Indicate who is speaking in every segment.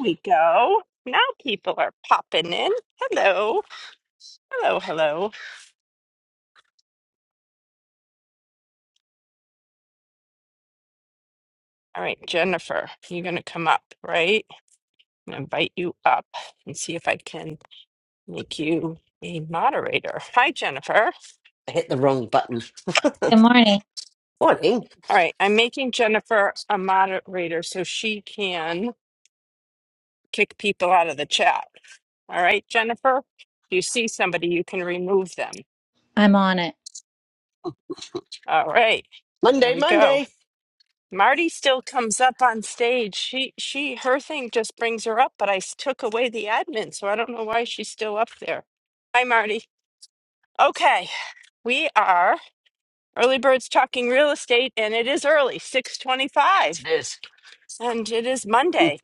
Speaker 1: we go. Now people are popping in. Hello. Hello, hello. All right, Jennifer, you're going to come up, right? I'm going to invite you up and see if I can make you a moderator. Hi, Jennifer.
Speaker 2: I hit the wrong button.
Speaker 3: Good morning.
Speaker 2: Morning.
Speaker 1: All right, I'm making Jennifer a moderator so she can kick people out of the chat. All right, Jennifer, if you see somebody, you can remove them.
Speaker 3: I'm on it.
Speaker 1: All right, there
Speaker 2: Monday,
Speaker 1: we go.
Speaker 2: Monday.
Speaker 1: Marty still comes up on stage. She she her thing just brings her up, but I s- took away the admin, so I don't know why she's still up there. Hi Marty. Okay, we are early birds talking real estate and it is early,
Speaker 2: Yes,
Speaker 1: 6:25, and it is
Speaker 2: it is.
Speaker 1: Monday.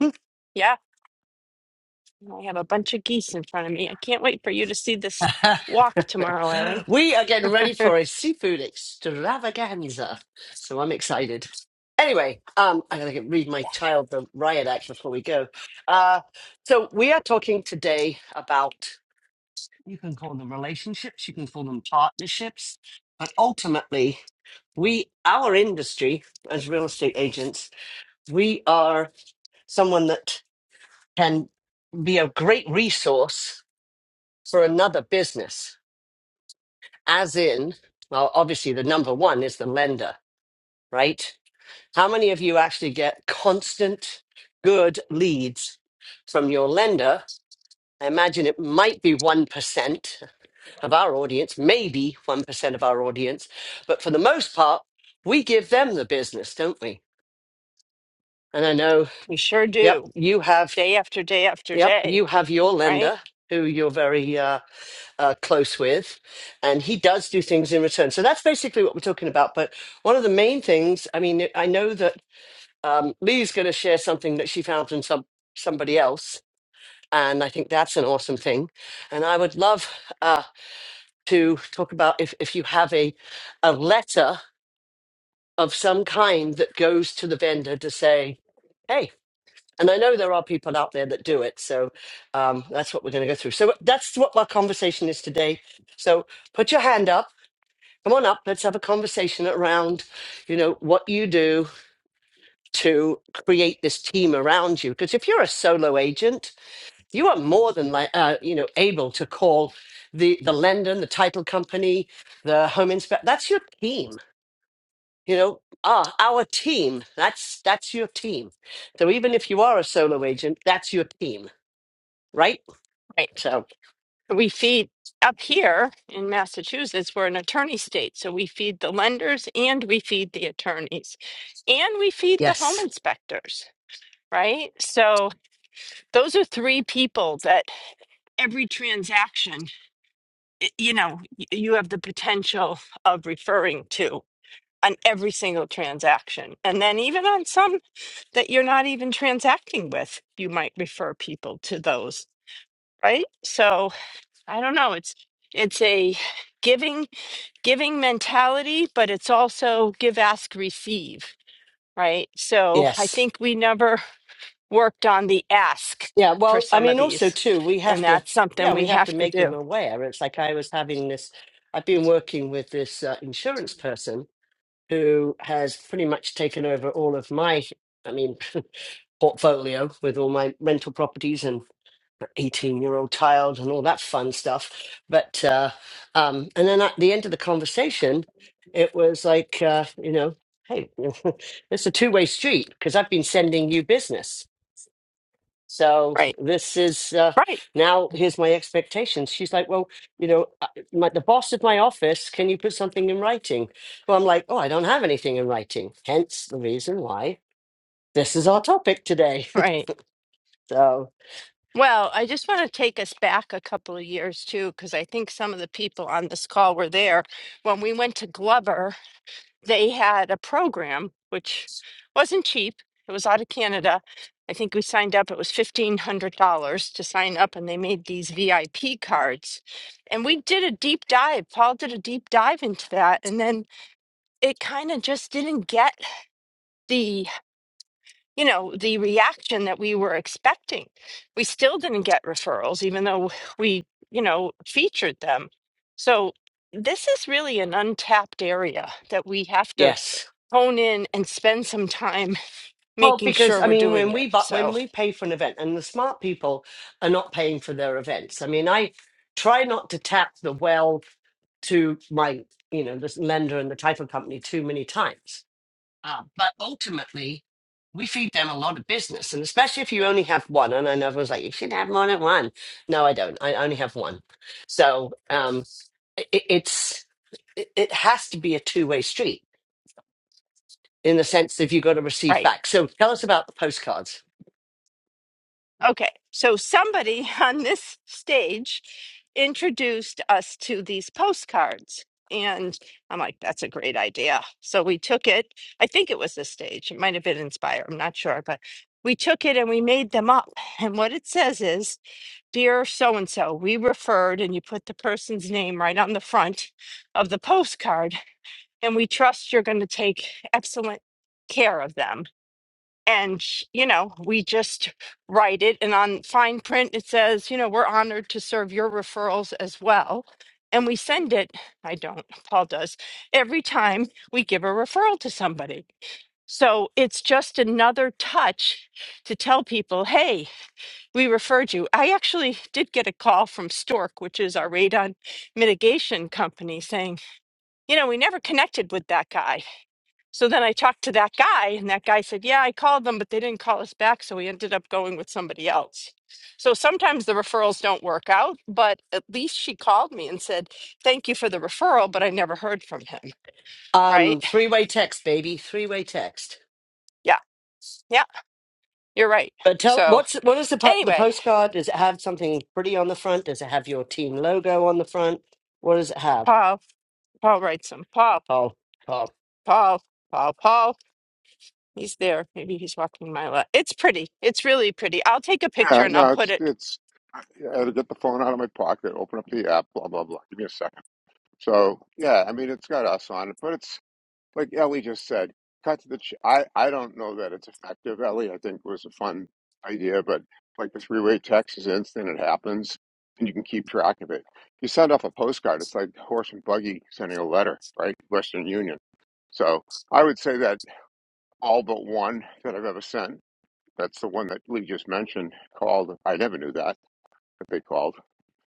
Speaker 1: Yeah, and I have a bunch of geese in front of me. I can't wait for you to see this walk tomorrow, Ellie.
Speaker 2: Mm. we are getting ready for a seafood extravaganza. So I'm excited. Anyway, um, I gotta get, read my child the riot act before we go. Uh, so we are talking today about you can call them relationships, you can call them partnerships, but ultimately, we our industry as real estate agents, we are someone that can be a great resource for another business, as in, well, obviously the number one is the lender, right? How many of you actually get constant good leads from your lender? I imagine it might be 1% of our audience, maybe 1% of our audience, but for the most part, we give them the business, don't we? And I know,
Speaker 1: we sure
Speaker 2: yep,
Speaker 1: do.
Speaker 2: you have,
Speaker 1: Day after day after
Speaker 2: yep,
Speaker 1: day,
Speaker 2: you have your
Speaker 1: right?
Speaker 2: lender who you're very uh, uh, close with, and he does do things in return. So that's basically what we're talking about. But one of the main things, I mean, I know that um, Lee's going to share something that she found from some somebody else, and I think that's an awesome thing. And I would love uh, to talk about if if you have a a letter of some kind that goes to the vendor to say, hey. And I know there are people out there that do it, so um, that's what we're going to go through. So that's what our conversation is today. So put your hand up come on up let's have a conversation around you know what you do to create this team around you because if you're a solo agent you are more than like uh, you know able to call the the lender the title company the home inspector that's your team you know ah our team that's that's your team so even if you are a solo agent that's your team right
Speaker 1: Right.
Speaker 2: so
Speaker 1: we feed up here in Massachusetts, we're an attorney state. So we feed the lenders and we feed the attorneys and we feed the home
Speaker 2: yes
Speaker 1: inspectors, right? So those are three people that every transaction, y- you know, y- you have the potential of referring to on every single transaction. And then even on some that you're not even transacting with, you might refer people to those, right? So I don't know. It's, it's a, giving giving mentality, but it's also give, ask, receive, right? So I
Speaker 2: yes
Speaker 1: think we never worked on the ask
Speaker 2: Yeah,
Speaker 1: for
Speaker 2: well, I
Speaker 1: some of
Speaker 2: mean, also
Speaker 1: these,
Speaker 2: too, we
Speaker 1: and
Speaker 2: have to,
Speaker 1: that's something
Speaker 2: yeah, we
Speaker 1: we
Speaker 2: have to
Speaker 1: have to
Speaker 2: make them
Speaker 1: do.
Speaker 2: aware. It's like I was having this, I've been working with this uh, insurance person who has pretty much taken over all of my, I mean, portfolio with all my rental properties and 18 year old child and all that fun stuff. But, uh, um, and then at the end of the conversation, it was like, uh, you know, hey, it's a two way street because I've been sending you business so
Speaker 1: Right,
Speaker 2: this is uh,
Speaker 1: right,
Speaker 2: now. Here's my expectations. She's like, well, you know, uh, my, the boss of my office. Can you put something in writing? Well, I'm like, oh, I don't have anything in writing. Hence the reason why this is our topic today.
Speaker 1: right.
Speaker 2: so
Speaker 1: Well, I just want to take us back a couple of years too, because I think some of the people on this call were there when we went to Glover they had a program which wasn't cheap. It was out of Canada. I think we signed up. It was fifteen hundred dollars to sign up, and they made these VIP cards. And we did a deep dive. Paul did a deep dive into that, and then it kind of just didn't get the you know the reaction that we were expecting. We still didn't get referrals, even though we you know featured them. So this is really an untapped area that we have to
Speaker 2: yes.
Speaker 1: hone in and spend some time
Speaker 2: Well,
Speaker 1: making
Speaker 2: because
Speaker 1: sure
Speaker 2: I
Speaker 1: we're
Speaker 2: mean,
Speaker 1: doing
Speaker 2: when
Speaker 1: it.
Speaker 2: we bu-
Speaker 1: So,
Speaker 2: when we pay for an event, and the smart people are not paying for their events. I mean, I try not to tap the well to my you know this lender and the title company too many times Uh, but ultimately, we feed them a lot of business, and especially if you only have one. And I know everyone's like, you should have more than one. No, I don't. I only have one. So um, it, it's it, it has to be a two way street in the sense that you've got to receive
Speaker 1: right.
Speaker 2: back. So tell us about the postcards.
Speaker 1: Okay. So, somebody on this stage introduced us to these postcards. And I'm like, that's a great idea. So, we took it. I think it was this stage. It might have been Inspire. I'm not sure. But we took it and we made them up. And what it says is Dear so and so, we referred, and you put the person's name right on the front of the postcard and we trust you're going to take excellent care of them. And, you know, we just write it. And on fine print, it says, you know, we're honored to serve your referrals as well. And we send it, I don't, Paul does, every time we give a referral to somebody. So it's just another touch to tell people, hey, we referred you. I actually did get a call from Stork, which is our radon mitigation company, saying, you know, we never connected with that guy so then I talked to that guy, and that guy said, Yeah, I called them, but they didn't call us back. So we ended up going with somebody else. So sometimes the referrals don't work out, but at least she called me and said, Thank you for the referral, but I never heard from him. Right?
Speaker 2: Um, three way text, baby. Three way text.
Speaker 1: Yeah. Yeah. You're right.
Speaker 2: But tell
Speaker 1: So
Speaker 2: what's what is the po- the
Speaker 1: anyway,
Speaker 2: postcard? Does it have something pretty on the front? Does it have your team logo on the front? What does it have?
Speaker 1: Paul, Paul writes him. Paul,
Speaker 2: Oh, oh.
Speaker 1: Paul, Paul, Paul. He's there. Maybe he's walking my left. It's pretty. It's really pretty. I'll take a picture
Speaker 4: Yeah,
Speaker 1: and I'll
Speaker 4: no,
Speaker 1: put
Speaker 4: it's
Speaker 1: it.
Speaker 4: it's. I I had to get the phone out of my pocket, open up the app, blah blah blah. Give me a second. So yeah, I mean, it's got us on it, but it's like Ellie just said, cut to the. Ch- I I don't know that it's effective. Ellie, I think was a fun idea, but like the three way text is instant. It happens, and you can keep track of it. You send off a postcard. It's like horse and buggy sending a letter, right? Western Union. So I would say that all but one that I've ever sent. That's the one that Lee just mentioned. Called. I never knew that that they called.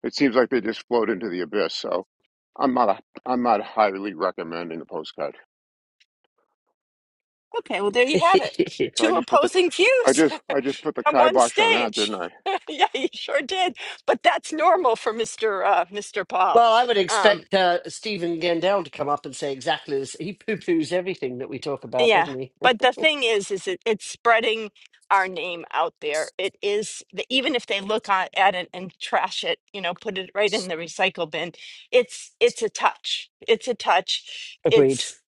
Speaker 4: It seems like they just float into the abyss. So I'm not a, I'm not highly recommending the postcard.
Speaker 1: Okay, well, there you have it.
Speaker 4: So I
Speaker 1: Two
Speaker 4: just put the
Speaker 1: opposing
Speaker 4: I
Speaker 1: views
Speaker 4: just I just put the
Speaker 1: on one
Speaker 4: kibosh on that,
Speaker 1: stage.
Speaker 4: didn't I?
Speaker 1: yeah, you sure did. But that's normal for Mr. Uh, Mr. Paul.
Speaker 2: Well, I would
Speaker 1: Um,
Speaker 2: expect uh, Stephen Gendel to come up and say exactly this. He poo poos everything that we talk about,
Speaker 1: yeah,
Speaker 2: doesn't he?
Speaker 1: but the thing is, is it, it's spreading our name out there. It is the, even if they look on, at it and trash it, you know, put it right in the recycle bin. It's it's a touch. It's a touch.
Speaker 2: Agreed.
Speaker 1: It's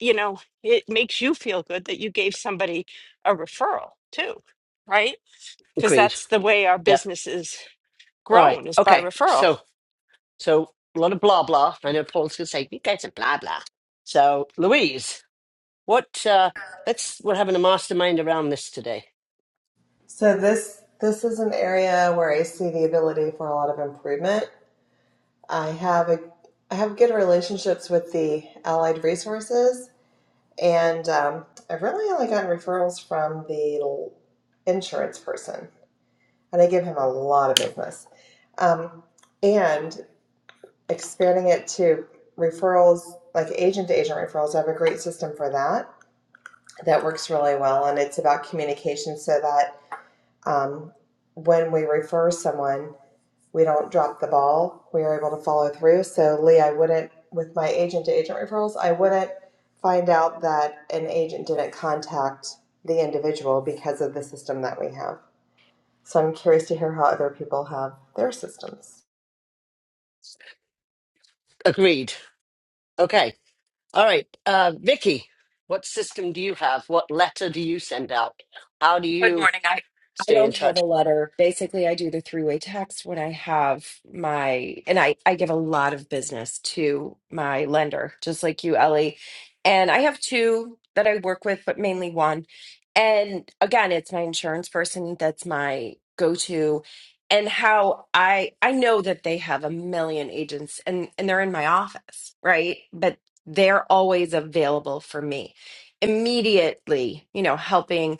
Speaker 1: you know, it makes you feel good that you gave somebody a referral too, right? because
Speaker 2: Agreed.
Speaker 1: that's the way our
Speaker 2: Yeah.
Speaker 1: business is
Speaker 2: All right.
Speaker 1: grown is by
Speaker 2: Okay.
Speaker 1: referral.
Speaker 2: So, so a lot of blah blah. I know Paul's going to say, you guys are blah blah. So, Louise, what, uh, let's, we're having a mastermind around this today.
Speaker 5: So this this is an area where I see the ability for a lot of improvement. I have a I have good relationships with the allied resources, and um, I've really only gotten referrals from the insurance person, and I give him a lot of business. Um, and expanding it to referrals, like agent to agent referrals, I have a great system for that that works really well, and it's about communication so that um, when we refer someone we don't drop the ball. We are able to follow through. So Lee, I wouldn't with my agent to agent referrals, I wouldn't find out that an agent didn't contact the individual because of the system that we have. So I'm curious to hear how other people have their systems.
Speaker 2: Agreed. Okay. All right. Uh, Vicky, what system do you have? What letter do you send out? How do
Speaker 6: Good
Speaker 2: you
Speaker 6: morning. I, I
Speaker 2: stay in
Speaker 6: don't have
Speaker 2: touch?
Speaker 6: a letter. Basically, I do the three-way text when I have my, and I, I give a lot of business to my lender, just like you, Ellie. And I have two that I work with, but mainly one. And again, it's my insurance person that's my go-to. And how I I know that they have a million agents and and they're in my office, right? But they're always available for me immediately, you know, helping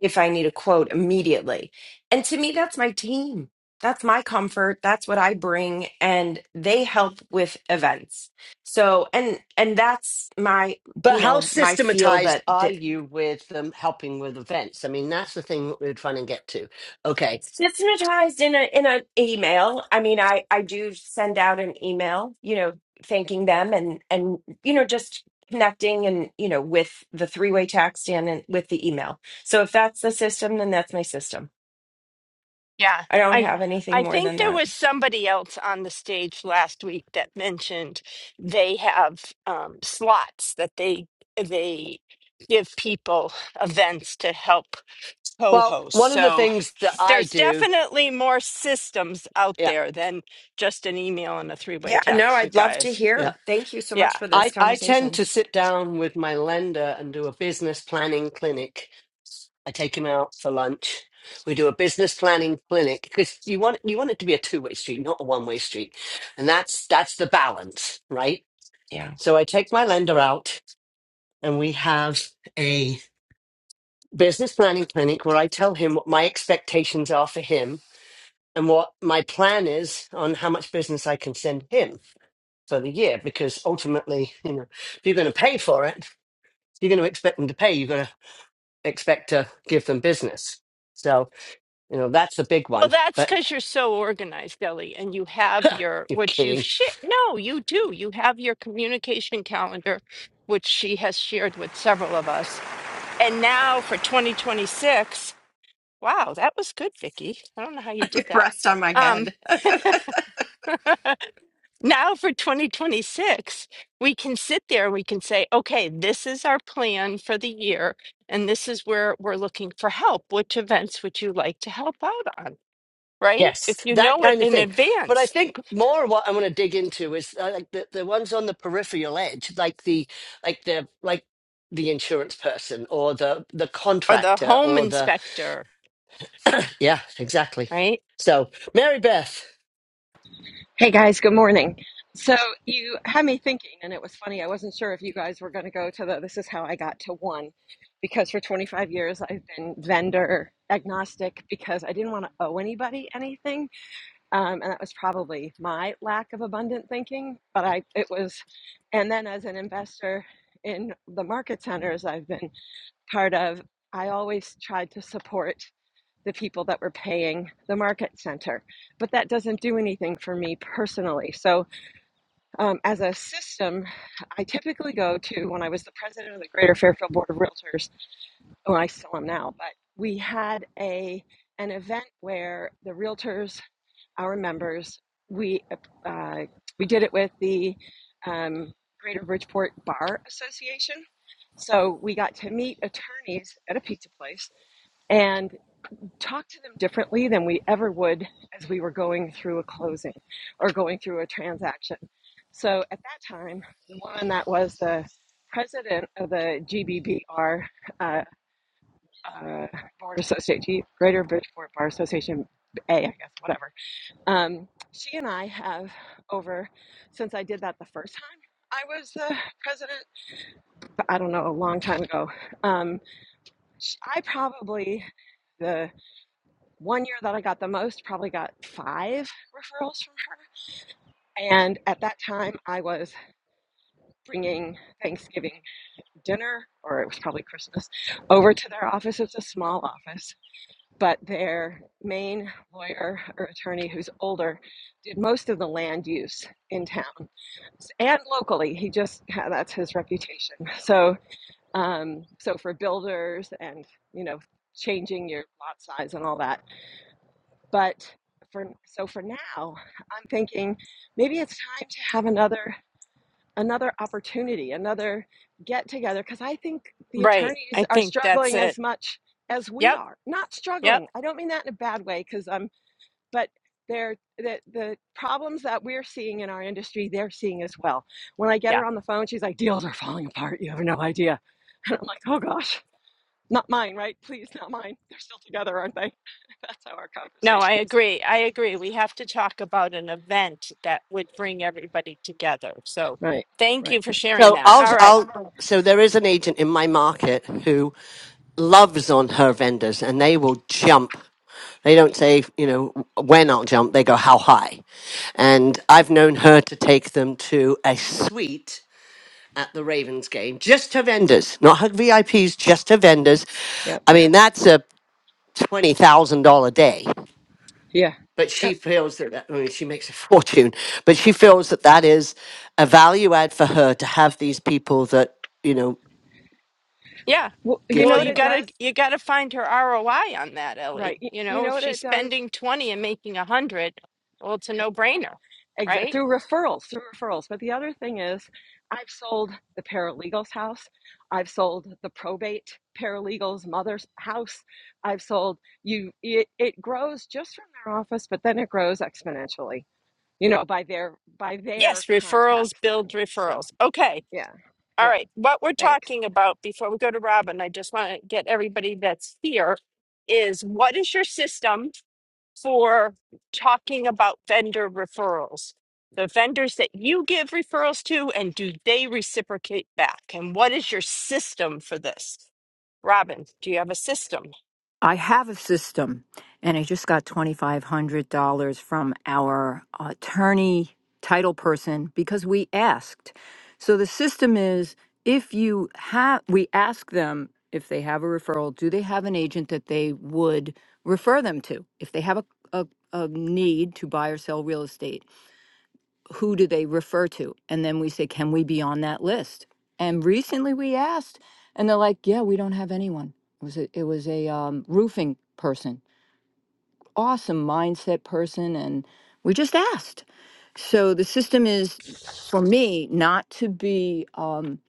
Speaker 6: if I need a quote immediately. And to me, that's my team. That's my comfort. That's what I bring. And they help with events. So, and, and that's my,
Speaker 2: But
Speaker 6: you
Speaker 2: how
Speaker 6: know, my feel
Speaker 2: systematized
Speaker 6: that,
Speaker 2: are
Speaker 6: that
Speaker 2: you with um, helping with events? I mean, that's the thing that we're trying to get to. Okay.
Speaker 6: systematized in a, in an email. I mean, I, I do send out an email, you know, thanking them and, and, you know, just connecting and, you know, with the three way text and, and with the email. So if that's the system, then that's my system.
Speaker 1: Yeah.
Speaker 6: I don't
Speaker 1: I
Speaker 6: have anything
Speaker 1: I
Speaker 6: more
Speaker 1: think
Speaker 6: than
Speaker 1: there
Speaker 6: that.
Speaker 1: was somebody else on the stage last week that mentioned they have um, slots that they they give people events to help
Speaker 2: Well,
Speaker 1: co-host.
Speaker 2: one of the
Speaker 1: So
Speaker 2: things that I
Speaker 1: there's
Speaker 2: do,
Speaker 1: definitely more systems out
Speaker 2: yeah,
Speaker 1: there than just an email and a three-way
Speaker 6: Yeah, no,
Speaker 1: text, you
Speaker 6: I'd love to
Speaker 1: guys.
Speaker 2: yeah,
Speaker 6: hear. Thank you so
Speaker 1: Yeah.
Speaker 6: much for this
Speaker 2: I, I tend
Speaker 6: conversation.
Speaker 2: to sit down with my lender and do a business planning clinic. I take him out for lunch. We do a business planning clinic because you want you want it to be a two way street, not a one way street, and that's that's the balance, right?
Speaker 6: Yeah.
Speaker 2: So I take my lender out, and we have business planning clinic where I tell him what my expectations are for him and what my plan is on how much business I can send him for the year. Because ultimately, you know, if you're going to pay for it, you're going to expect them to pay. You're going to expect to give them business. So, you know, that's the big
Speaker 1: Well,
Speaker 2: one.
Speaker 1: that's
Speaker 2: But
Speaker 1: because you're so organized, Ellie, and you have your
Speaker 2: you're
Speaker 1: what you've
Speaker 2: kidding.
Speaker 1: shit. No, you do. You have your communication calendar, which she has shared with several of us. And now for 2026, wow, that was good, Vicky. I don't know how you did that.
Speaker 6: rest on my
Speaker 1: Um,
Speaker 6: head.
Speaker 1: now for 2026, we can sit there and we can say, okay, this is our plan for the year, and this is where we're looking for help. Which events would you like to help out on? Right?
Speaker 2: Yes,
Speaker 1: If you
Speaker 2: that
Speaker 1: know it
Speaker 2: kind of
Speaker 1: in
Speaker 2: thing. But I
Speaker 1: advance
Speaker 2: think more what I want to dig into is uh, like the, the ones on the peripheral edge, like the like the like the insurance person or the the
Speaker 1: or the
Speaker 2: contractor
Speaker 1: home
Speaker 2: or the
Speaker 1: inspector,
Speaker 2: yeah, exactly.
Speaker 1: right?
Speaker 2: So Mary Beth.
Speaker 7: Hey guys, good morning. So you had me thinking, and it was funny. I wasn't sure if you guys were going to go to the this is how I got to one, because for 25 years I've been vendor agnostic because I didn't want to owe anybody anything. Um, and that was probably my lack of abundant thinking, but I, it was, and then as an investor in the market centers I've been part of, I always tried to support the people that were paying the market center. But that doesn't do anything for me personally. So, um, as a system, I typically go to when I was the president of the Greater Fairfield Board of Realtors. Oh, I still am now, but we had a an event where the realtors, our members, we uh, we did it with the um, Greater Bridgeport Bar Association. So we got to meet attorneys at a pizza place, and talk to them differently than we ever would as we were going through a closing or going through a transaction. So at that time, the woman that was the president of the GBBR uh, uh, Board Association, Greater Bridgeport Bar Association A, I guess, whatever. Um, she and I have over since I did that the first time. I was the president, I don't know, a long time ago. Um, sh- I probably the one year that I got the most, probably got five referrals from her. And at that time, I was bringing Thanksgiving dinner, or it was probably Christmas, over to their office. It's a small office, but their main lawyer or attorney, who's older, did most of the land use in town and locally he just that's his reputation so um so for builders and you know changing your lot size and all that But for so for now, I'm thinking maybe it's time to have another another opportunity, another get together because I think the
Speaker 1: Right.
Speaker 7: attorneys
Speaker 1: I
Speaker 7: are
Speaker 1: think that's
Speaker 7: struggling as
Speaker 1: it.
Speaker 7: much as we
Speaker 1: Yep.
Speaker 7: are. Not
Speaker 1: Yep.
Speaker 7: struggling. I don't mean that in a bad way because I'm but they're the the problems that we're seeing in our industry, they're seeing as well. When I get
Speaker 1: Yeah.
Speaker 7: her on the phone, she's like, deals are falling apart. You have no idea. And I'm like, oh gosh, not mine, right? Please, not mine. They're still together, aren't they? That's how our
Speaker 1: No, I
Speaker 7: conversation is.
Speaker 1: agree. I agree. We have to talk about an event that would bring everybody together. So
Speaker 7: Right,
Speaker 1: thank
Speaker 7: right.
Speaker 1: you for sharing
Speaker 2: So
Speaker 1: that.
Speaker 2: I'll
Speaker 1: All right.
Speaker 2: I'll so there is an agent in my market who loves on her vendors and they will jump they don't say, you know, when I'll jump. They go, how high? And I've known her to take them to a suite at the Ravens game, just to vendors, not her VIPs, just to vendors.
Speaker 7: Yep.
Speaker 2: I mean, that's a twenty thousand dollar day.
Speaker 7: Yeah.
Speaker 2: But she
Speaker 7: Yep.
Speaker 2: feels that, that I mean, she makes a fortune, but she feels that that is a value add for her to have these people that you know
Speaker 1: Yeah.
Speaker 7: Well, you
Speaker 2: give
Speaker 7: know
Speaker 1: Well,
Speaker 2: to
Speaker 7: what
Speaker 1: you
Speaker 7: it
Speaker 2: her.
Speaker 7: does?
Speaker 1: gotta you gotta find her ROI on that, Ellie.
Speaker 7: Right. You,
Speaker 1: You
Speaker 7: you
Speaker 1: know, if
Speaker 7: know what
Speaker 1: she's
Speaker 7: it does?
Speaker 1: spending twenty and making a hundred, well, it's a no brainer,
Speaker 7: Exa-
Speaker 1: right?
Speaker 7: through referrals, through referrals. But the other thing is, I've sold the paralegal's house. I've sold the probate paralegal's mother's house. I've sold you. It, it grows just from their office, but then it grows exponentially. You know, by their by
Speaker 1: Yes,
Speaker 7: their
Speaker 1: referrals
Speaker 7: contacts.
Speaker 1: build
Speaker 7: Then. So
Speaker 1: referrals. Okay.
Speaker 7: yeah,
Speaker 1: All
Speaker 7: yeah.
Speaker 1: right, what we're
Speaker 7: Thanks.
Speaker 1: talking about before we go to Robin, I just want to get everybody that's here is what is your system for talking about vendor referrals? The vendors that you give referrals to, and do they reciprocate back? And what is your system for this? Robin, do you have a system?
Speaker 8: I have a system, and I just got $2,500 from our attorney title person because we asked. So the system is if you have, we ask them if they have a referral, do they have an agent that they would refer them to if they have a, a, a need to buy or sell real estate? who do they refer to? And then we say, can we be on that list? And recently we asked, and they're like, yeah, we don't have anyone. It was a, it was a um, roofing person, awesome mindset person, and we just asked. So the system is, for me, not to be um,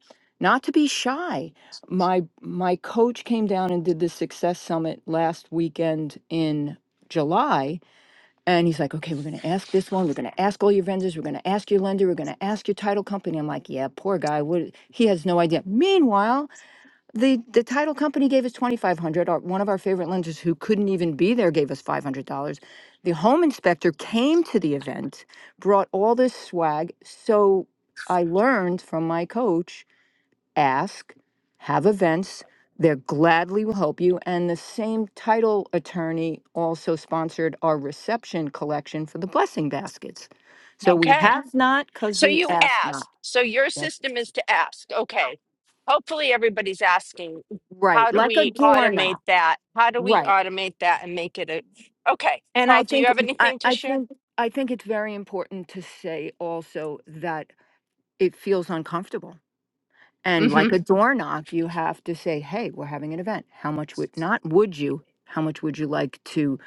Speaker 8: not to be shy. My my coach came down and did the success summit last weekend in July, and he's like, okay, we're going to ask this one. We're going to ask all your vendors. We're going to ask your lender. We're going to ask your title company. I'm like, yeah, poor guy. What? He has no idea. Meanwhile, the the title company gave us twenty five hundred. dollars. Our one of our favorite lenders who couldn't even be there gave us five hundred dollars. The home inspector came to the event, brought all this swag. So I learned from my coach ask, have events. They gladly will help you. And the same title attorney also sponsored our reception collection for the blessing baskets. So we
Speaker 1: Okay.
Speaker 8: have not because
Speaker 1: So
Speaker 8: we
Speaker 1: you
Speaker 8: ask not.
Speaker 1: asked. So your
Speaker 8: Yes.
Speaker 1: system is to ask. Okay. Hopefully everybody's asking,
Speaker 8: Right,
Speaker 1: how do
Speaker 8: like a
Speaker 1: we automate
Speaker 8: doorknob.
Speaker 1: that? How do we
Speaker 8: Right.
Speaker 1: automate that and make it a Okay.
Speaker 8: And
Speaker 1: Paul,
Speaker 8: I
Speaker 1: do you
Speaker 8: think
Speaker 1: have
Speaker 8: I,
Speaker 1: anything to
Speaker 8: I
Speaker 1: share?
Speaker 8: think I think it's very important to say also that it feels uncomfortable And
Speaker 1: Mm-hmm.
Speaker 8: like a door knock, you have to say, hey, we're having an event. How much would, not would you, how much would you like to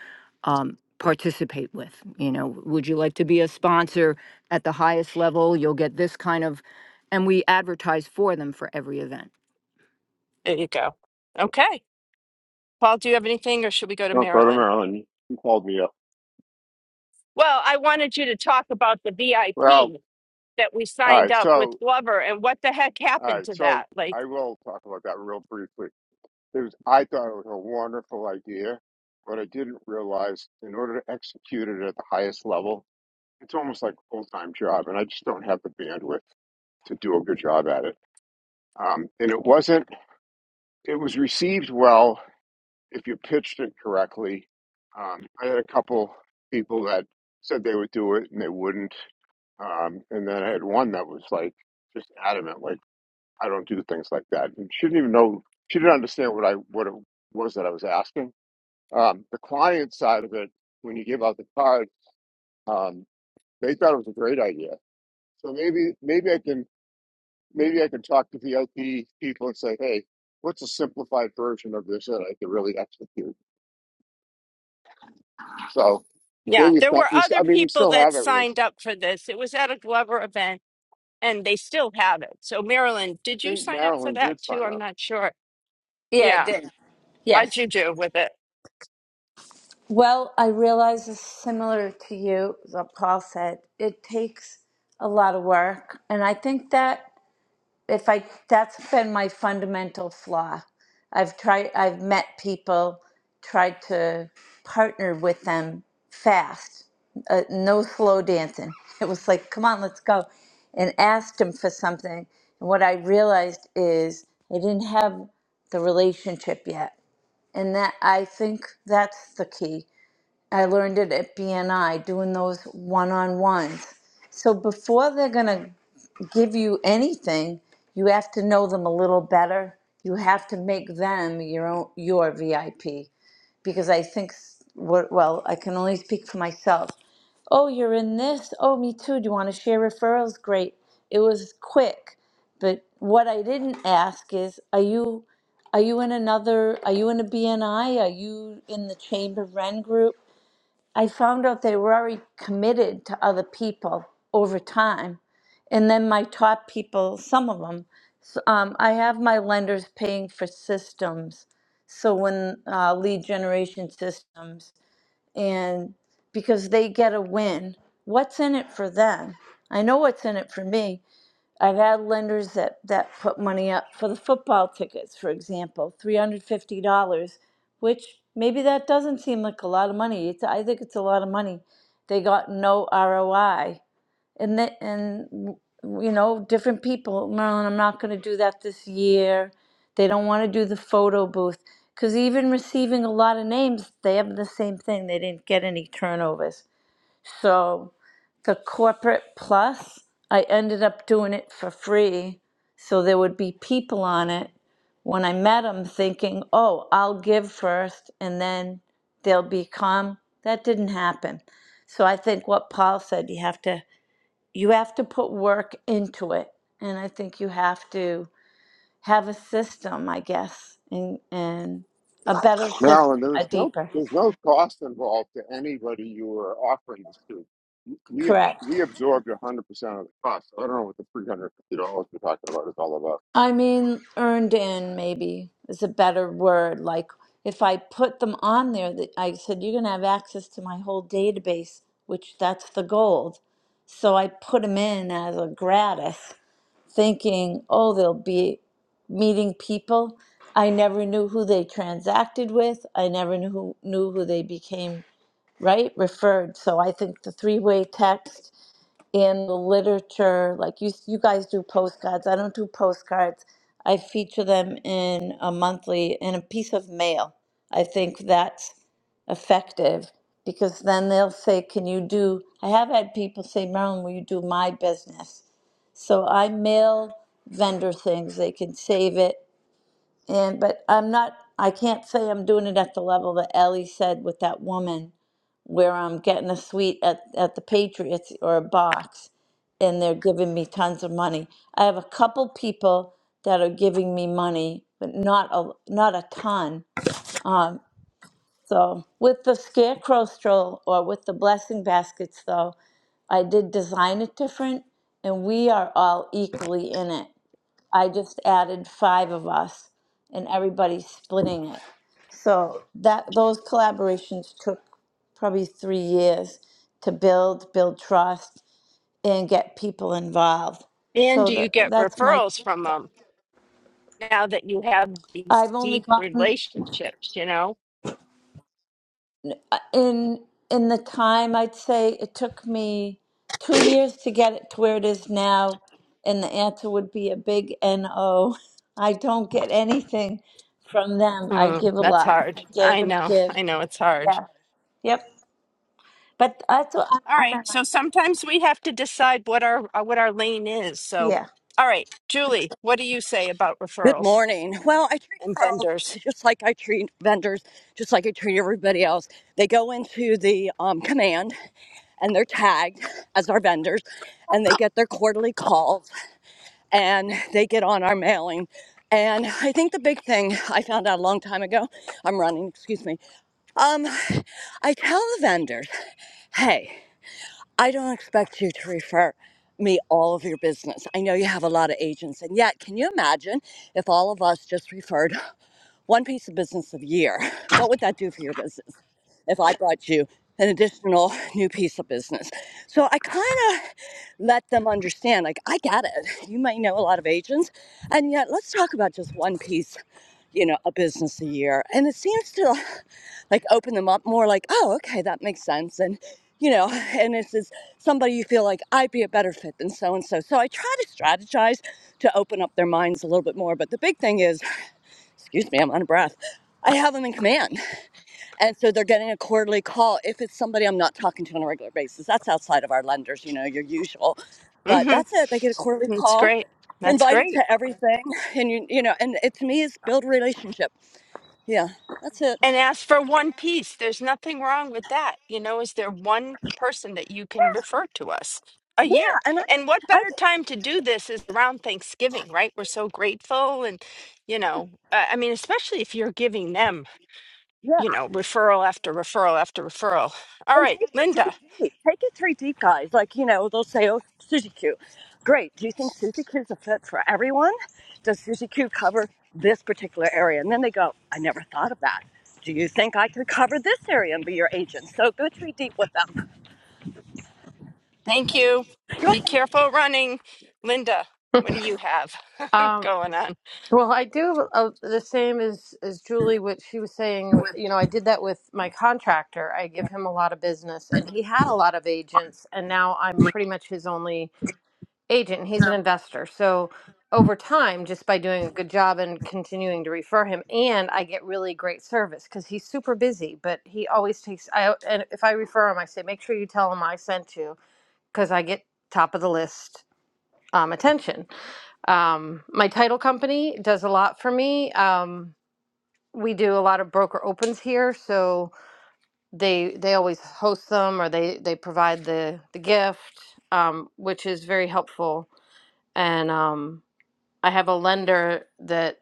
Speaker 8: um, participate with? You know, would you like to be a sponsor at the highest level? You'll get this kind of, and we advertise for them for every event.
Speaker 1: There you go. Okay. Paul, do you have anything or should we go to
Speaker 4: North Dakota,
Speaker 1: Marilyn?
Speaker 4: Maryland. You called me up.
Speaker 1: Well, I wanted you to talk about the
Speaker 4: Well,
Speaker 1: VIP that we
Speaker 4: all
Speaker 1: signed
Speaker 4: right.
Speaker 1: up
Speaker 4: So
Speaker 1: with Glover and what the heck
Speaker 4: all
Speaker 1: happened
Speaker 4: right.
Speaker 1: to
Speaker 4: So
Speaker 1: that. Like,
Speaker 4: I will talk about that real briefly. It was I thought it was a wonderful idea, but I didn't realize in order to execute it at the highest level, it's almost like a full time job, and I just don't have the bandwidth to do a good job at it. Um, and it wasn't it was received well if you pitched it correctly. Um, I had a couple people that said they would do it and they wouldn't, um, and then I had one that was like just adamant, like I don't do things like that, and she didn't even know she didn't understand what I what it was that I was asking. Um, the client side of it, when you give out the card, um, they thought it was a great idea. So maybe maybe I can maybe I can talk to the LP people and say, hey, what's a simplified version of this that I could really execute? So
Speaker 1: yeah,
Speaker 4: maybe it's
Speaker 1: there
Speaker 4: not.
Speaker 1: were
Speaker 4: It's,
Speaker 1: other
Speaker 4: I mean, we
Speaker 1: people
Speaker 4: still
Speaker 1: that
Speaker 4: have everything.
Speaker 1: signed up for this. It was at a Glover event and they still have it. So, Marilyn,
Speaker 4: I
Speaker 1: did you
Speaker 4: think
Speaker 1: sign up for
Speaker 4: Maryland
Speaker 1: that
Speaker 4: did
Speaker 1: too?
Speaker 4: sign
Speaker 1: I'm
Speaker 4: up.
Speaker 1: not sure.
Speaker 9: Yeah, I
Speaker 1: Yeah.
Speaker 9: did.
Speaker 1: How'd
Speaker 9: Yes.
Speaker 1: you do with it?
Speaker 9: Well, I realize it's similar to you, what Paul said. It takes a lot of work. And I think that if I, that's been my fundamental flaw. I've tried, I've met people, tried to partner with them fast, uh, no slow dancing. It was like, come on, let's go. And asked them for something. And what I realized is I didn't have the relationship yet. And that I think that's the key. I learned it at BNI doing those one on ones. So before they're going to give you anything, you have to know them a little better. You have to make them your own, your VIP because I think well, I can only speak for myself. Oh, you're in this. Oh, me too. Do you want to share referrals? Great. It was quick. But what I didn't ask is, are you are you in another are you in a BNI? Are you in the Chamber Ren group? I found out they were already committed to other people over time. And then my top people, some of them, um, I have my lenders paying for systems. So when uh, lead generation systems and because they get a win what's in it for them i know what's in it for me i've had lenders that that put money up for the football tickets for example $350 which maybe that doesn't seem like a lot of money it's, i think it's a lot of money they got no roi and that and w- you know different people marilyn i'm not going to do that this year they don't want to do the photo booth because even receiving a lot of names they have the same thing they didn't get any turnovers so the corporate plus i ended up doing it for free so there would be people on it when i met them thinking oh i'll give first and then they'll be calm that didn't happen so i think what paul said you have to you have to put work into it and i think you have to have a system i guess and and a better system
Speaker 4: Maryland,
Speaker 9: a
Speaker 4: there's no
Speaker 9: deeper
Speaker 4: there's no cost involved to anybody you were offering this to. We we
Speaker 9: correct
Speaker 4: absorbed 100 percent of the cost. I don't know what the 350 dollars we're talking about is all about.
Speaker 9: i mean earned in maybe is a better word like if i put them on there that i said you're going to have access to my whole database which that's the gold so i put them in as a gratis thinking, oh, they'll be meeting people. I never knew who they transacted with. I never knew who, knew who they became, right? Referred. So I think the three way text in the literature, like you, you guys do postcards. I don't do postcards. I feature them in a monthly, in a piece of mail. I think that's effective because then they'll say, Can you do? I have had people say, Marilyn, will you do my business? So I mail vendor things, they can save it. And but I'm not I can't say I'm doing it at the level that Ellie said with that woman where I'm getting a suite at, at the Patriots or a box and they're giving me tons of money. I have a couple people that are giving me money, but not a not a ton. Um, so with the scarecrow stroll or with the blessing baskets though, I did design it different and we are all equally in it. I just added five of us and everybody's splitting it. So that those collaborations took probably three years to build, build trust and get people involved.
Speaker 1: And
Speaker 9: So
Speaker 1: do
Speaker 9: that
Speaker 1: you get
Speaker 9: that's my
Speaker 1: referrals from them now that you have these
Speaker 9: I've only
Speaker 1: deep
Speaker 9: gotten
Speaker 1: relationships? You know,
Speaker 9: in in the time I'd say it took me two years to get it to where it is now and the answer would be a big no. I don't get anything from them. I
Speaker 1: Mm,
Speaker 9: give a
Speaker 1: that's
Speaker 9: lot. I
Speaker 1: hard.
Speaker 9: give
Speaker 1: I
Speaker 9: and I
Speaker 1: know.
Speaker 9: give.
Speaker 1: I know it's hard.
Speaker 9: Yeah. Yep. But I thought
Speaker 1: All
Speaker 9: I,
Speaker 1: right.
Speaker 9: I know.
Speaker 1: So sometimes we have to decide what our uh, what our lane is. So,
Speaker 9: Yeah.
Speaker 1: all right, Julie, what do you say about
Speaker 10: Good
Speaker 1: referrals
Speaker 10: morning. Well, I treat
Speaker 1: and
Speaker 10: Carl
Speaker 1: vendors?
Speaker 10: just like I treat vendors, just like I treat everybody else. They go into the um, command and they're tagged as our vendors and they get their quarterly calls and they get on our mailing. And I think the big thing I found out a long time ago, I'm running, excuse me, um, I tell the vendors, hey, I don't expect you to refer me all of your business. I know you have a lot of agents, and yet, can you imagine if all of us just referred one piece of business a year? What would that do for your business? if I brought you an additional new piece of business. So I kind of let them understand, like, I get it. You might know a lot of agents, and yet let's talk about just one piece, you know, a business a year. And it seems to like open them up more, like, oh, okay, that makes sense. And, you know, and this is somebody you feel like I'd be a better fit than so and so. So I try to strategize to open up their minds a little bit more. But the big thing is, excuse me, I'm out of breath. I have them in command. And so they're getting a quarterly call. If it's somebody I'm not talking to on a regular basis, that's outside of our lenders, you know, your usual. But
Speaker 1: Mm-hmm.
Speaker 10: that's it. They get a quarterly
Speaker 1: That's
Speaker 10: call,
Speaker 1: great. That's
Speaker 10: invited
Speaker 1: great.
Speaker 10: to everything, and you you know, and it to me is build a relationship. Yeah, that's it.
Speaker 1: and ask for one piece. There's nothing wrong with that. You know, is there one person that you can refer to us a
Speaker 10: Yeah,
Speaker 1: year?
Speaker 10: and I,
Speaker 1: And what
Speaker 10: I
Speaker 1: better time to do this is around Thanksgiving, right? We're so grateful. And, you know, uh, I mean, especially if you're giving them,
Speaker 10: yeah.
Speaker 1: you know, referral after referral after referral. All
Speaker 10: And
Speaker 1: right,
Speaker 10: take it three
Speaker 1: Linda,
Speaker 10: deep. Take it three deep, guys. Like, you know, they'll say, oh, Suzy Q. Great. Do you think Suzy Q is a fit for everyone? Does Suzy Q cover this particular area? And then they go, I never thought of that. Do you think I could cover this area and be your agent? So go three deep with them.
Speaker 1: thank you. Be careful running. Linda, what do you have
Speaker 11: Um,
Speaker 1: going on?
Speaker 11: well, I do uh, the same as as Julie, what she was saying. You know, I did that with my contractor. I give him a lot of business, and he had a lot of agents, and now I'm pretty much his only agent. And he's an investor, so over time, just by doing a good job and continuing to refer him, and I get really great service because he's super busy. But he always takes. I and if I refer him, I say make sure you tell him I sent you because I get top of the list um, attention um, my title company does a lot for me. Um, we do a lot of broker opens here, so they they always host them or they they provide the the gift, um, which is very helpful. And um, I have a lender that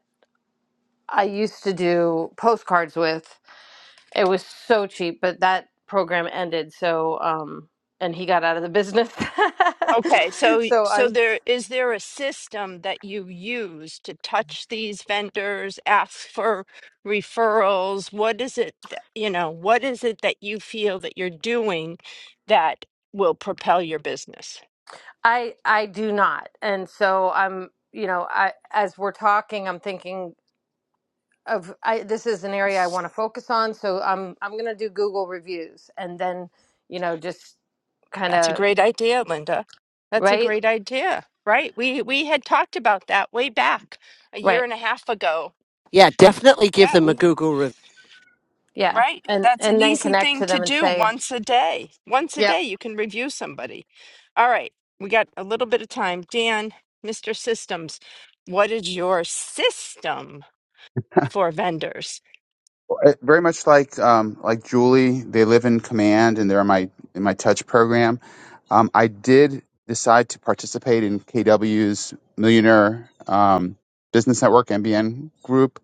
Speaker 11: I used to do postcards with. It was so cheap, but that program ended. So um, and he got out of the business.
Speaker 1: Okay, so
Speaker 11: so
Speaker 1: so
Speaker 11: I'm
Speaker 1: there is there a system that you use to touch these vendors, ask for referrals? What is it that, you know, what is it that you feel that you're doing that will propel your business?
Speaker 11: I I do not. And so I'm, you know, I as we're talking, I'm thinking of I this is an area I want to focus on, so I'm I'm going to do Google reviews and then, you know, just kind
Speaker 1: That's a
Speaker 11: of
Speaker 1: great idea, Linda. That's a
Speaker 11: right?
Speaker 1: great idea, right? We we had talked about that way back a year
Speaker 11: Right.
Speaker 1: and a half ago.
Speaker 2: Yeah, definitely give
Speaker 1: Yeah,
Speaker 2: them a
Speaker 1: we
Speaker 2: Google review.
Speaker 11: Yeah.
Speaker 1: Right.
Speaker 11: And
Speaker 1: That's an
Speaker 11: and then
Speaker 1: easy
Speaker 11: connect
Speaker 1: thing
Speaker 11: to
Speaker 1: to
Speaker 11: them and
Speaker 1: do
Speaker 11: say,
Speaker 1: once a day. Once a
Speaker 11: "Yep,
Speaker 1: day, you can review somebody. All right. We got a little bit of time. Dan, Mr. Systems, what is your system for vendors?
Speaker 12: Uh, Very much like um, like Julie, they live in command and they're in my in my touch program. Um, I did decide to participate in KW's Millionaire um, Business Network MBN group,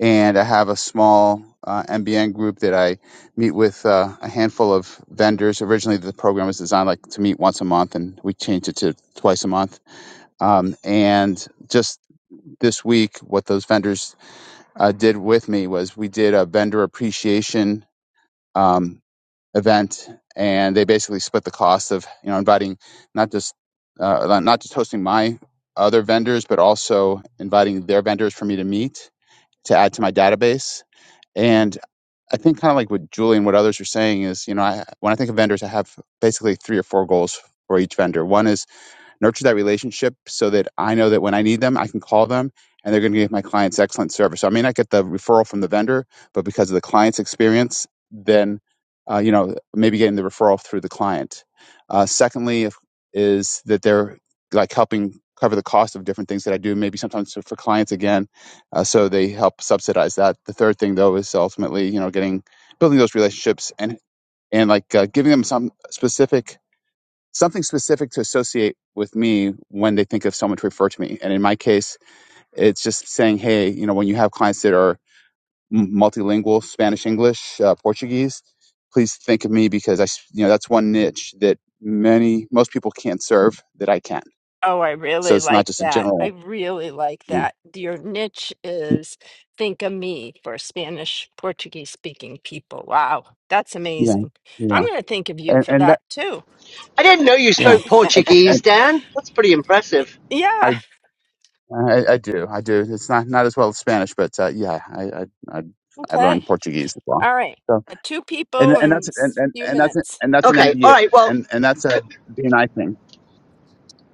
Speaker 12: and I have a small uh, MBN group that I meet with uh, a handful of vendors. Originally, the program was designed like to meet once a month, and we changed it to twice a month. Um, and just this week, what those vendors uh, did with me was we did a vendor appreciation um, event, and they basically split the cost of you know inviting not just uh, not just hosting my other vendors, but also inviting their vendors for me to meet to add to my database. And I think kind of like what Julie and what others are saying is, you know, I, when I think of vendors, I have basically three or four goals for each vendor. One is nurture that relationship so that I know that when I need them, I can call them and they're going to give my clients excellent service. So I may not get the referral from the vendor, but because of the client's experience, then uh, you know maybe getting the referral through the client. Uh, secondly, if- is that they're like helping cover the cost of different things that I do, maybe sometimes for clients again, uh, so they help subsidize that. The third thing though is ultimately you know getting building those relationships and and like uh, giving them some specific something specific to associate with me when they think of someone to refer to me. And in my case, it's just saying, hey, you know, when you have clients that are m- multilingual, Spanish, English, uh, Portuguese, please think of me because I, s- you know, that's one niche that many, most people can't serve that I can.
Speaker 1: Oh, I
Speaker 12: So
Speaker 1: really
Speaker 12: it's not
Speaker 1: like
Speaker 12: just a
Speaker 1: that. I
Speaker 12: general.
Speaker 1: really like that. Your niche is think of me for Spanish, Portuguese speaking people. Wow. That's
Speaker 12: Yeah,
Speaker 1: amazing. I'm
Speaker 12: yeah,
Speaker 1: going to think of you
Speaker 12: and
Speaker 1: for
Speaker 12: and that,
Speaker 1: that too.
Speaker 2: I didn't know you
Speaker 12: yeah,
Speaker 2: spoke
Speaker 12: and,
Speaker 2: Portuguese,
Speaker 12: and
Speaker 2: Dan. That's pretty impressive.
Speaker 1: Yeah.
Speaker 12: I, I I do, I do. It's not not as well as Spanish, but uh, yeah, I I I I learned
Speaker 1: Okay.
Speaker 12: Portuguese as well.
Speaker 1: All right.
Speaker 12: So
Speaker 1: Uh, Two
Speaker 12: and
Speaker 1: people
Speaker 12: and
Speaker 1: in
Speaker 12: that's
Speaker 1: a
Speaker 12: and and,
Speaker 1: few
Speaker 12: and that's
Speaker 1: minutes.
Speaker 12: and that's an
Speaker 2: Okay, all
Speaker 12: MBA
Speaker 2: right. Well,
Speaker 12: and and that's a BNI thing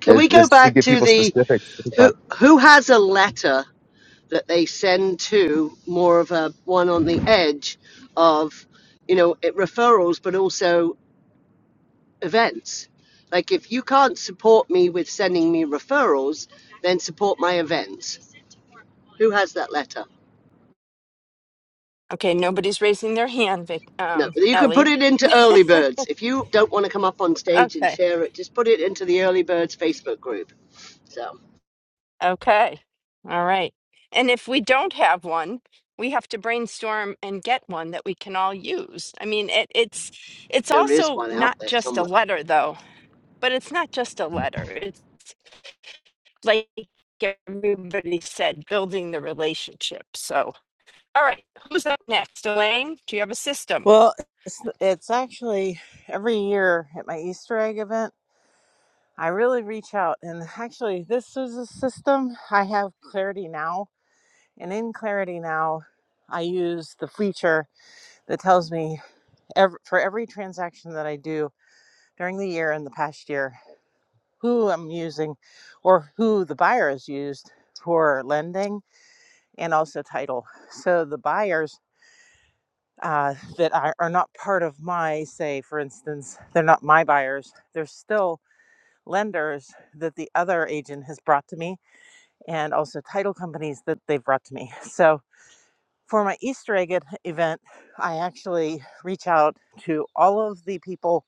Speaker 2: can
Speaker 12: is
Speaker 2: we go
Speaker 12: is to
Speaker 2: back
Speaker 12: give
Speaker 2: to
Speaker 12: people
Speaker 2: the
Speaker 12: specifics.
Speaker 2: who who has a letter that they send to more of a one on the edge of you know it, referrals, but also events. Like if you can't support me with sending me referrals, then support my events. Who has that letter?
Speaker 1: Okay, nobody's raising their hand, Vic,
Speaker 2: No,
Speaker 1: um,
Speaker 2: you can put
Speaker 1: Ellie.
Speaker 2: it into early birds. If you don't want to come up on stage and
Speaker 1: Okay,
Speaker 2: share it, just put it into the early birds Facebook group. So
Speaker 1: okay, all right. And if we don't have one, we have to brainstorm and get one that we can all use. I mean, it, it's it's
Speaker 2: there is
Speaker 1: also
Speaker 2: one out
Speaker 1: not
Speaker 2: there
Speaker 1: just a
Speaker 2: somewhere.
Speaker 1: letter, though. But it's not just a letter. It's like everybody said, building the relationship. So, all right, who's up next, Elaine? Do you have a system?
Speaker 13: Well, it's, it's actually every year at my Easter egg event, I really reach out. And actually, this is a system I have Clarity Now. And in Clarity Now, I use the feature that tells me ev for every transaction that I do during the year and the past year, who I'm using or who the buyer has used for lending and also title. So the buyers uh, that are, are not part of my say for instance they're not my buyers they're still lenders that the other agent has brought to me and also title companies that they've brought to me so for my easter egg ed- event i actually reach out to all of the people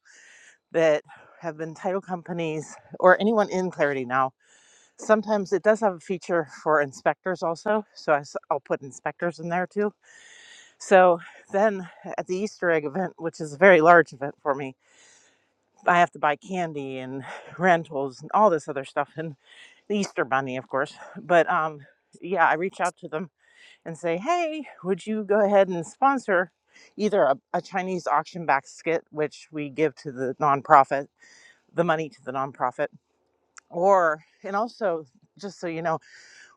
Speaker 13: that have been title companies or anyone in clarity now sometimes it does have a feature for inspectors also so I s- i'll put inspectors in there too so then at the Easter egg event, which is a very large event for me, I have to buy candy and rentals and all this other stuff and the Easter bunny, of course. But um yeah, I reach out to them and say, "Hey, would you go ahead and sponsor either a, a Chinese auction basket, which we give to the nonprofit, the money to the nonprofit, or and also just so you know,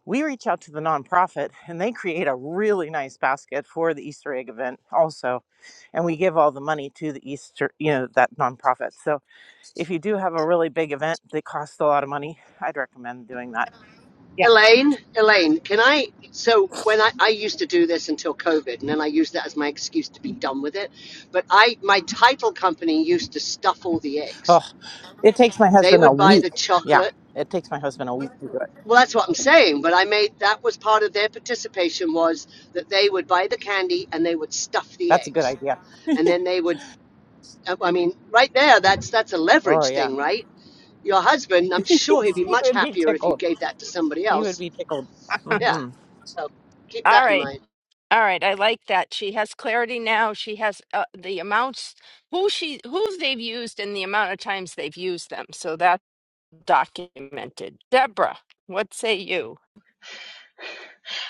Speaker 13: we reach out to the nonprofit and they create a really nice basket for the Easter egg event also. And we give all the money to the Easter, you know, that nonprofit. So if you do have a really big event that costs a lot of money, I'd recommend doing that. Yeah.
Speaker 2: Elaine, Elaine, can I? So when I, I used to do this until COVID, and then I used that as my excuse to be done with it. But I, my title company used to stuff all the
Speaker 13: Oh,
Speaker 2: eggs.
Speaker 13: it takes my
Speaker 2: They
Speaker 13: husband a
Speaker 2: would buy the
Speaker 13: week. Yeah.
Speaker 2: chocolate.
Speaker 13: It takes my husband a week to do it.
Speaker 2: Well, that's what I'm saying. But I made that was part of their participation was that they would buy the candy and they would stuff the
Speaker 13: That's a good
Speaker 2: eggs,
Speaker 13: idea.
Speaker 2: and then they would I I mean, right there, that's that's a
Speaker 13: Oh,
Speaker 2: leverage
Speaker 13: yeah.
Speaker 2: thing, right? Your husband, I'm
Speaker 13: he
Speaker 2: sure he'd be much
Speaker 13: would be
Speaker 2: happier if you
Speaker 13: tickled.
Speaker 2: gave that to somebody
Speaker 13: He would
Speaker 2: else.
Speaker 13: be tickled.
Speaker 1: all
Speaker 13: Mhm.
Speaker 2: Yeah, so keep that in
Speaker 1: right.
Speaker 2: mind.
Speaker 1: All right, I like that. She has clarity now. She has uh, the amounts who she who they've used and the amount of times they've used them. So that's documented. Deborah, what say you?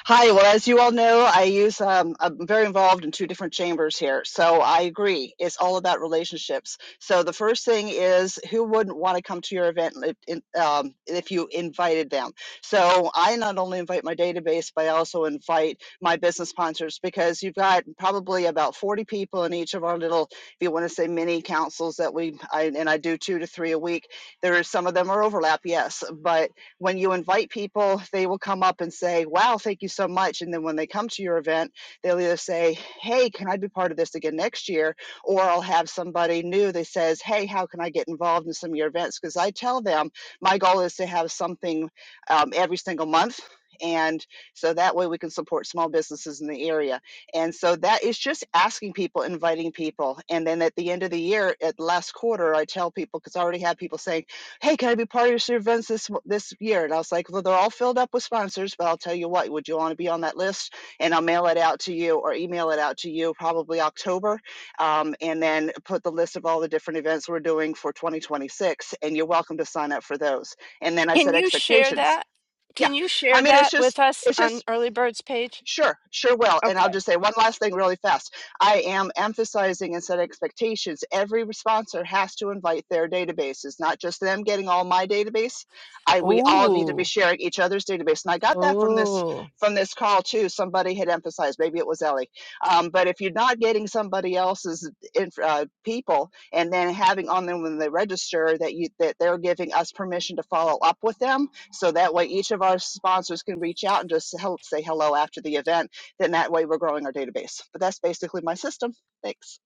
Speaker 14: Hi. Well, as you all know, I use, um, I'm very involved in two different chambers here. So I agree. It's all about relationships. So the first thing is who wouldn't want to come to your event if, in- um, if you invited them? So I not only invite my database, but I also invite my business sponsors because you've got probably about 40 people in each of our little, if you want to say mini councils that we, I, and I do two to three a week. There is some of them are overlap, yes, but when you invite people, they will come up and say, Wow, thank you so much. And then when they come to your event, they'll either say, Hey, can I be part of this again next year? Or I'll have somebody new that says, Hey, how can I get involved in some of your events? Because I tell them my goal is to have something um, every single month. And so that way we can support small businesses in the area. And so that is just asking people, inviting people. And then at the end of the year, at last quarter, I tell people, because I already have people saying, "Hey, can I be part of your events this this year?" And I was like, "Well, they're all filled up with sponsors, but I'll tell you what. Would you want to be on that list?" And I'll mail it out to you or email it out to you probably October, um, and then put the list of all the different events we're doing for 2026, and you're welcome to sign up for those. And then I
Speaker 1: Can
Speaker 14: set
Speaker 1: you share
Speaker 14: expectations.
Speaker 1: that?
Speaker 14: Yeah,
Speaker 1: Can you
Speaker 14: I
Speaker 1: share
Speaker 14: mean, it's
Speaker 1: that
Speaker 14: just
Speaker 1: with us
Speaker 14: it's just
Speaker 1: on Early Bird's page?
Speaker 14: Sure, sure will. And I'll
Speaker 1: Okay.
Speaker 14: just say one last thing really fast. I am emphasizing and set expectations. Every sponsor has to invite their databases, not just them getting all my database. I we all need to be
Speaker 1: Ooh.
Speaker 14: sharing each other's database. And I got that from this
Speaker 1: Oh.
Speaker 14: from this call too. Somebody had emphasized, maybe it was Ellie. Um, but if you're not getting somebody else's inf- uh, people and then having on them when they register that you that they're giving us permission to follow up with them, so that way, each of our sponsors can reach out and just help say hello after the event. Then that way, we're growing our database. But that's basically my system. Thanks.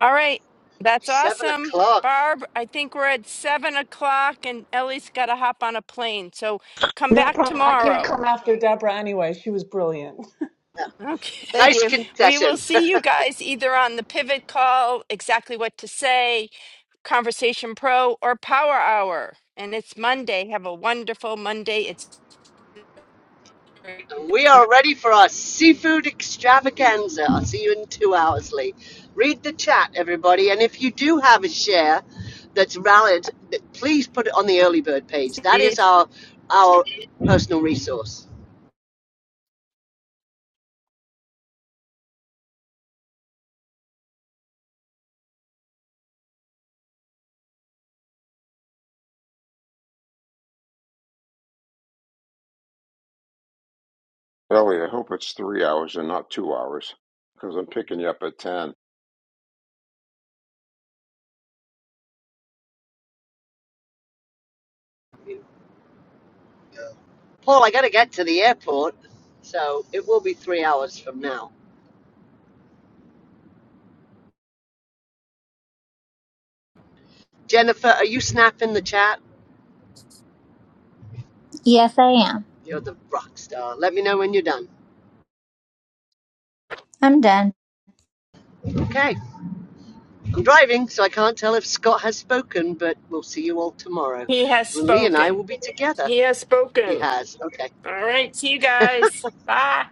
Speaker 1: All right. That's
Speaker 2: Seven
Speaker 1: awesome.
Speaker 2: o'clock.
Speaker 1: Barb, I think we're at seven o'clock and Ellie's got to hop on a plane. So come
Speaker 15: No
Speaker 1: back
Speaker 15: problem. I can't
Speaker 1: tomorrow.
Speaker 15: come after Deborah anyway. She was brilliant.
Speaker 14: Thank
Speaker 1: Okay.
Speaker 2: Nice
Speaker 14: you.
Speaker 1: We will
Speaker 2: concession.
Speaker 1: see you guys either on the pivot call, exactly what to say, Conversation Pro, or Power Hour. And it's Monday. Have a wonderful Monday. It's
Speaker 2: And we are ready for our seafood extravaganza. I'll see you in two hours, Lee. Read the chat, everybody. And if you do have a share that's valid, th- please put it on the early bird page. That is
Speaker 1: it,
Speaker 2: our our personal resource.
Speaker 4: Ellie, I hope it's three hours and not two hours because I'm picking you up at 10.
Speaker 2: Paul, I got to get to the airport, so it will be three hours from now. Jennifer, are you snapping the chat?
Speaker 3: Yes, I am.
Speaker 2: You're the rock star. Let me know when you're done.
Speaker 3: I'm done.
Speaker 2: Okay. I'm driving, so I can't tell if Scott has spoken, but we'll see you all tomorrow.
Speaker 1: he has
Speaker 2: When Lee and I will
Speaker 1: spoken.
Speaker 2: be together.
Speaker 1: He has
Speaker 2: He
Speaker 1: spoken.
Speaker 2: has. Okay.
Speaker 1: All right. See you guys. Bye.